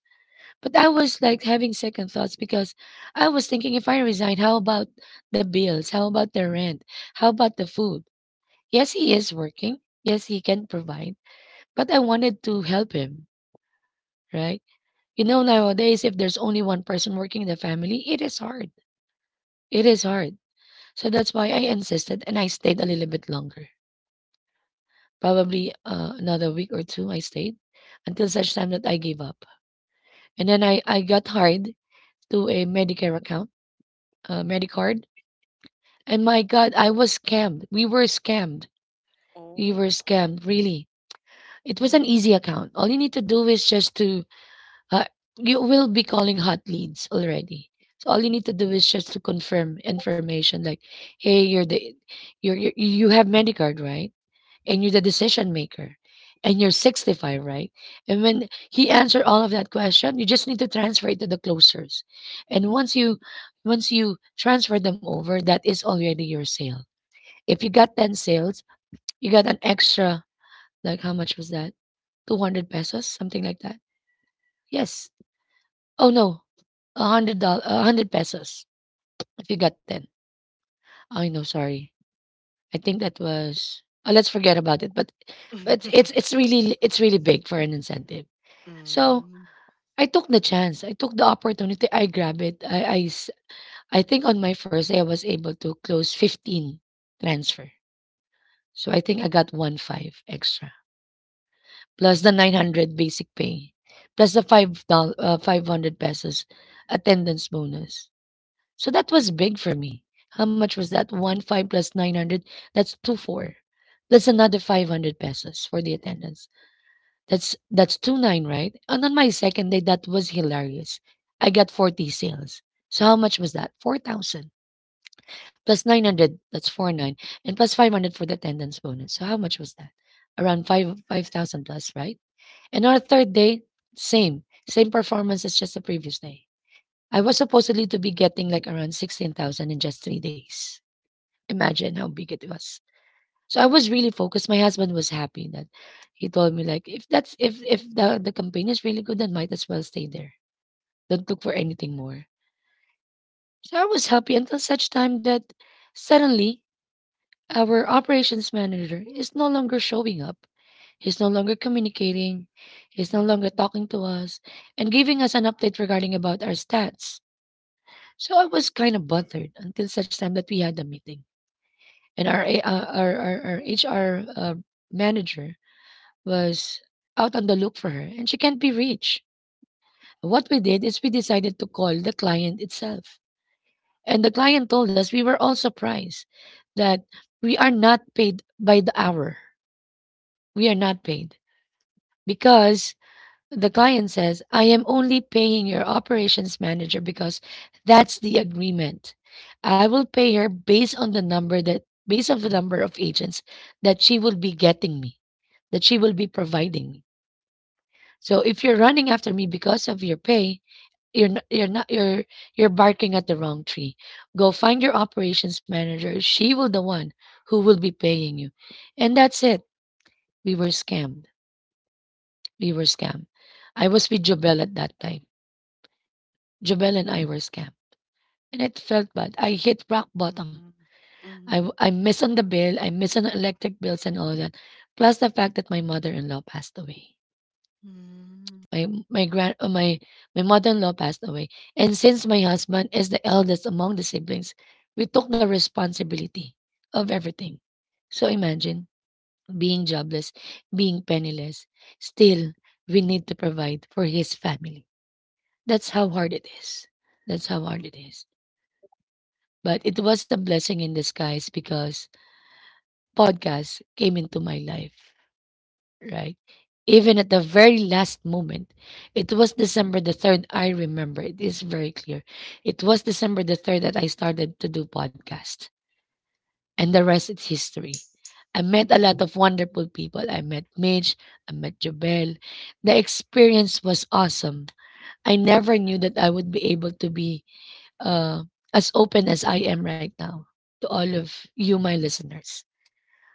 S1: But I was like having second thoughts because I was thinking if I resign, how about the bills? How about the rent? How about the food? Yes, he is working. Yes, he can provide. But I wanted to help him, right? You know, nowadays, if there's only one person working in the family, it is hard. It is hard. So that's why I insisted and I stayed a little bit longer. Probably another week or two I stayed until such time that I gave up. And then I got hired to a Medicare account, Medicard. And my God, I was scammed. We were scammed. We were
S2: Oh.
S1: scammed, really. It was an easy
S2: Mm.
S1: account. All you need to do is just to, uh, you will be calling hot leads already. So all you need to do is just to confirm information like, hey, you're, you have Medicard, right? And you're the decision maker and you're 65, right? And when he answered all of that question, you just need to transfer it to the closers. And once you transfer them over, that is already your sale. If you got 10 sales, you got an extra, like how much was that, 200 pesos, something like that. Yes. Oh no, a $100, 100 pesos if you got 10. I know, sorry, I think that was, oh, let's forget about it. But but it's really it's really big for an incentive. So,
S2: Mm.
S1: I took the chance. I took the opportunity. I grabbed it. I think on my first day, I was able to close 15 transfer. So, I think I got 15 extra, plus the 900 basic pay, plus the 500 pesos attendance bonus. So, that was big for me. How much was that? 15 plus 900, that's two four. That's another 500 pesos for the attendance. That's two nine, right? And on my second day, that was hilarious. I got 40 sales. So how much was that? 4,000 plus 900, that's four nine, and plus 500 for the attendance bonus. So how much was that? Around 5 5,000 plus, right? And on our third day, same, same performance as just the previous day. I was supposedly to be getting like around 16,000 in just 3 days. Imagine how big it was. So I was really focused. My husband was happy that he told me like if that's if the the campaign is really good, then might as well stay there. Don't look for anything more. So I was happy until such time that suddenly our operations manager is no longer showing up. He's no longer communicating. He's no longer
S2: Mm.
S1: talking to us and giving us an update regarding about our stats. So I was kind of bothered until such time that we had a meeting and our A- our, our HR uh, manager was out on the look for her and she can't be reached. What we did is we decided to call the client itself. And the client told us we were all surprised that we are not paid by the hour. We are not paid because the client says, I am only paying your operations manager because that's the agreement. I will pay her based on the number of agents that she will be getting me, that she will be providing me. So if you're running after me because of your pay, you're not, you're barking at the wrong tree. Go find your operations manager. She will the one who will be paying you. And that's it. We were scammed. We were scammed. I was with Jobel at that time. Jobel and I were scammed. And it felt bad. I hit rock bottom.
S2: Mhm. Mhm.
S1: I miss on the bill. I miss on the electric bills and all that. Plus the fact that my mother-in-law passed away.
S2: Mhm.
S1: My grand my my mother-in-law passed away, and since my husband is the eldest among the siblings, we took the responsibility of everything. So imagine being jobless, being penniless. Still, we need to provide for his family. That's how hard it is. That's how hard it is. But it was a blessing in disguise because podcast came into my life, right? Even at the very last moment, it was December the 3rd. I remember it is very clear. It was December the 3rd that I started to do podcast, and the rest is history. I met a
S2: Mm.
S1: lot of wonderful people. I met Mitch, I met Jabel. The experience was awesome. I never
S2: Yeah.
S1: knew that I would be able to be uh, as open as I am right now to all of you, my listeners.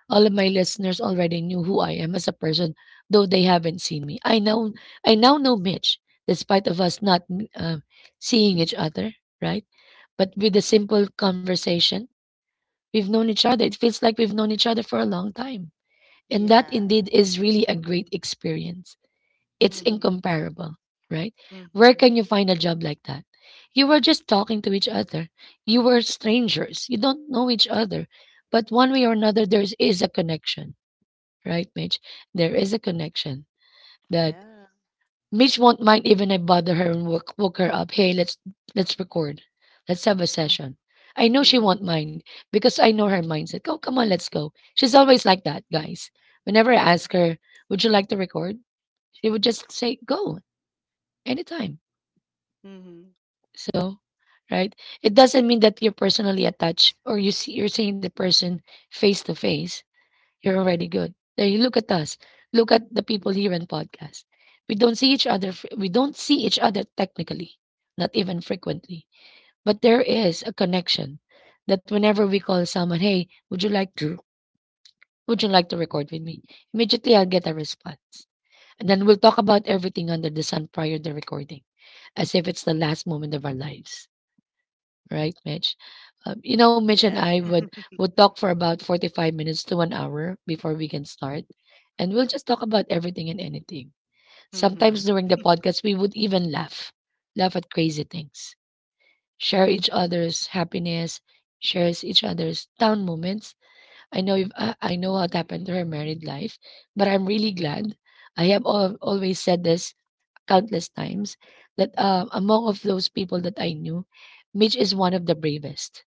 S1: All of my listeners already knew who I am as a person, though they haven't seen me. I now know Mitch, despite of us not uh, seeing each other, right? But with a simple conversation, we've known each other. It feels like we've known each other for a long time, and that
S2: Yeah.
S1: indeed is really a great experience. It's
S2: Mhm.
S1: incomparable, right? Where
S2: Mhm.
S1: can you find a job like that? You were just talking to each other. You were strangers. You don't know each other. But one way or another, there is a connection, right, Mitch? There is a connection that
S2: Yeah.
S1: Mitch won't mind even I bother her and woke her up. Hey, let's record. Let's have a
S2: Mhm.
S1: session. I know she
S2: Mhm.
S1: won't mind because I know her mindset. Oh, come on, let's go. She's always like that, guys. Whenever I
S2: Yeah.
S1: ask her, would you like to record? She would just say, go anytime.
S2: Mhm.
S1: So, right? It doesn't mean that you're personally attached or you're seeing the person face to face. You're already good. There you look at us. Look at the people here on podcast. We don't see each other technically, not even frequently. But there is a connection that whenever we call someone, "Hey, would you like to record with me?" Immediately I'll get a response. And then we'll talk about everything under the sun prior to recording, as if it's the last moment of our lives, right, Mitch?
S2: Yeah.
S1: Mitch and I would talk for about 45 minutes to 1 hour before we can start, and we'll just talk about everything and anything. Sometimes
S2: Mhm.
S1: during the podcast, we would even laugh, laugh at crazy things, share each other's happiness, shares each other's down moments. I know if I, I know what happened to her married life, but I'm really glad. I have always said this countless times that among of those people that I knew, Mitch is one of the bravest.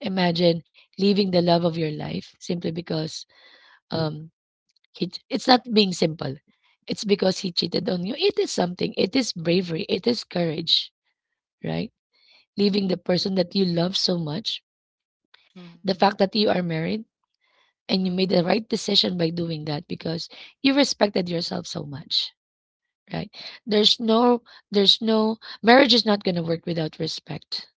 S1: Imagine leaving the love of your life simply because um he it's not being simple. It's because he cheated on you. It is something. It is bravery. It is courage, right? Leaving the person that you love so much. The
S2: Mhm.
S1: fact that you are married and you made
S2: Mhm.
S1: the right decision by doing that because you respected yourself so much, right? There's no there's no. Marriage is not going to work without respect,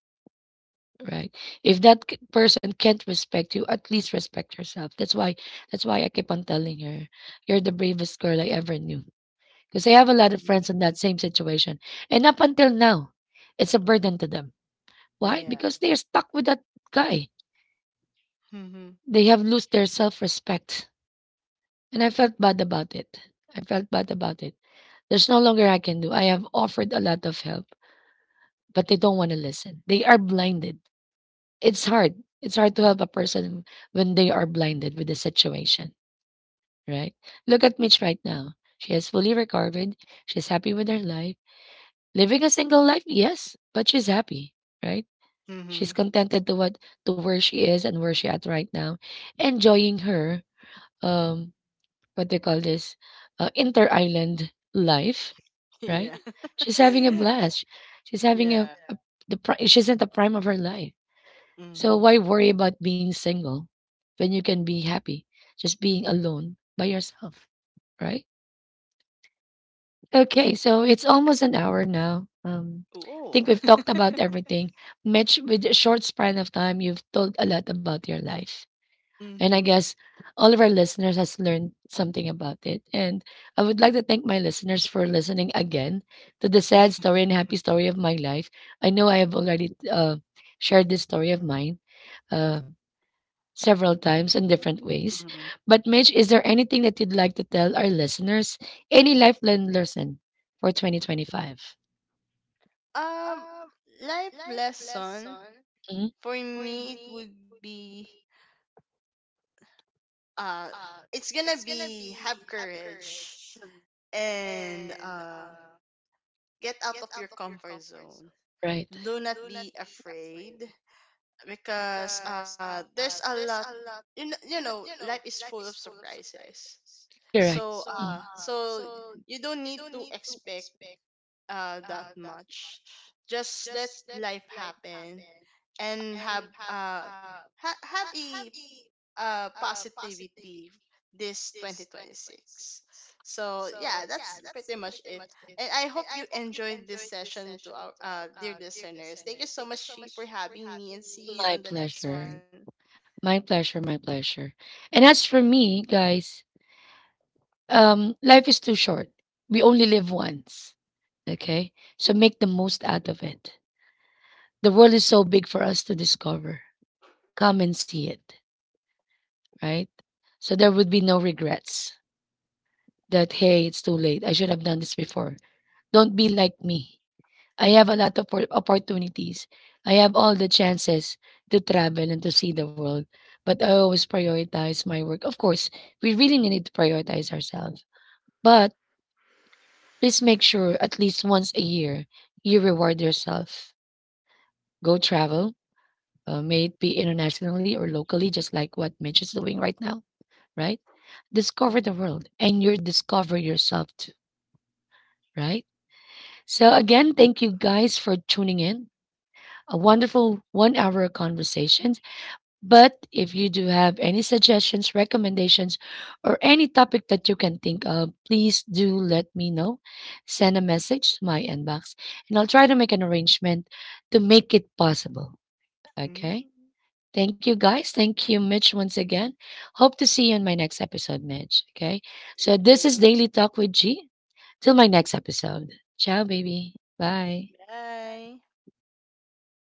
S1: right? If that person can't respect you, at least respect yourself. That's why I keep on telling her, you're the bravest girl I ever knew, because I have a lot of friends in that
S2: Mhm.
S1: same situation, and up until now, it's a burden to them. Why?
S2: Yeah.
S1: Because they're stuck with that guy.
S2: Mhm.
S1: They have lost their self-respect, and I felt bad about it. I felt bad about it. There's no longer I can do. I have offered a lot of help, but they don't want to listen. They are blinded. It's hard. It's hard to help a person when they are blinded with the situation, right? Look at Mitch right now. She has fully recovered. She's happy with her life. Living a single life, yes, but she's happy, right? She's
S2: Mhm.
S1: contented to where she is and where she at right now, enjoying her um what they call this, inter island life, right?
S2: Yeah.
S1: She's having a blast. She's having a,
S2: Yeah.
S1: a she's in the prime of her life, so
S2: Mhm.
S1: why worry about being single when you can be happy just being alone by yourself, right? Okay, so it's almost an hour now. I think
S2: Oh.
S1: we've talked about everything. Mitch, with a short span of time, you've told a lot about your life. And I
S2: Mhm.
S1: guess all of our listeners has learned something about it. And I would like to thank my listeners for listening again to the sad story and happy story of my life. I know I have already shared this story of mine. Uh, Several times in different ways.
S2: Mhm.
S1: But Mitch, is there anything that you'd like to tell our listeners? Any lifelong lesson for 2025?
S2: Um, Life lesson
S1: Mhm.
S2: for me, it would be, uh it's gonna be, have courage and get out of your comfort zone.
S1: Right.
S2: Do not be afraid, because there's a lot. You know, you know, life is full of surprises.
S1: Correct.
S2: so
S1: Mm.
S2: uh so you don't need to expect that much. Just let life happen, and have have a positivity this 2026. So yeah, that's pretty much it, and I hope you enjoyed this session. To our dear listeners, thank you so much, she, for having me, and see you on
S1: My
S2: the next
S1: pleasure.
S2: one.
S1: My pleasure. My pleasure. And as for me, guys, life is too short. We only live once. Okay? So make the most out of it. The world is so big for us to discover. Come and see it, right? So there would be no regrets that, hey, it's too late. I should have done this before. Don't be like me. I have a lot of opportunities. I have all the chances to travel and to see the world, but I always prioritize my work. Of course, we really need to prioritize ourselves, but please make sure at least once a year you reward yourself. Go travel, may it be internationally or locally, just like what Mitch is doing right now, right? Discover
S2: Mhm.
S1: the world and you discover yourself too, right? So, again, thank you guys for tuning in. A wonderful one hour conversation. But if you do have any suggestions, recommendations, or any topic that you can think of, please do let me know. Send a message to my inbox and I'll try to make an arrangement to make it possible. Okay. Thank you, guys. Thank you, Mitch, once again. Hope to see you in my next episode, Mitch. Okay. So
S2: Thank
S1: this
S2: you.
S1: is Daily Talk with G. Till my next episode. Ciao, baby. Bye.
S2: Bye.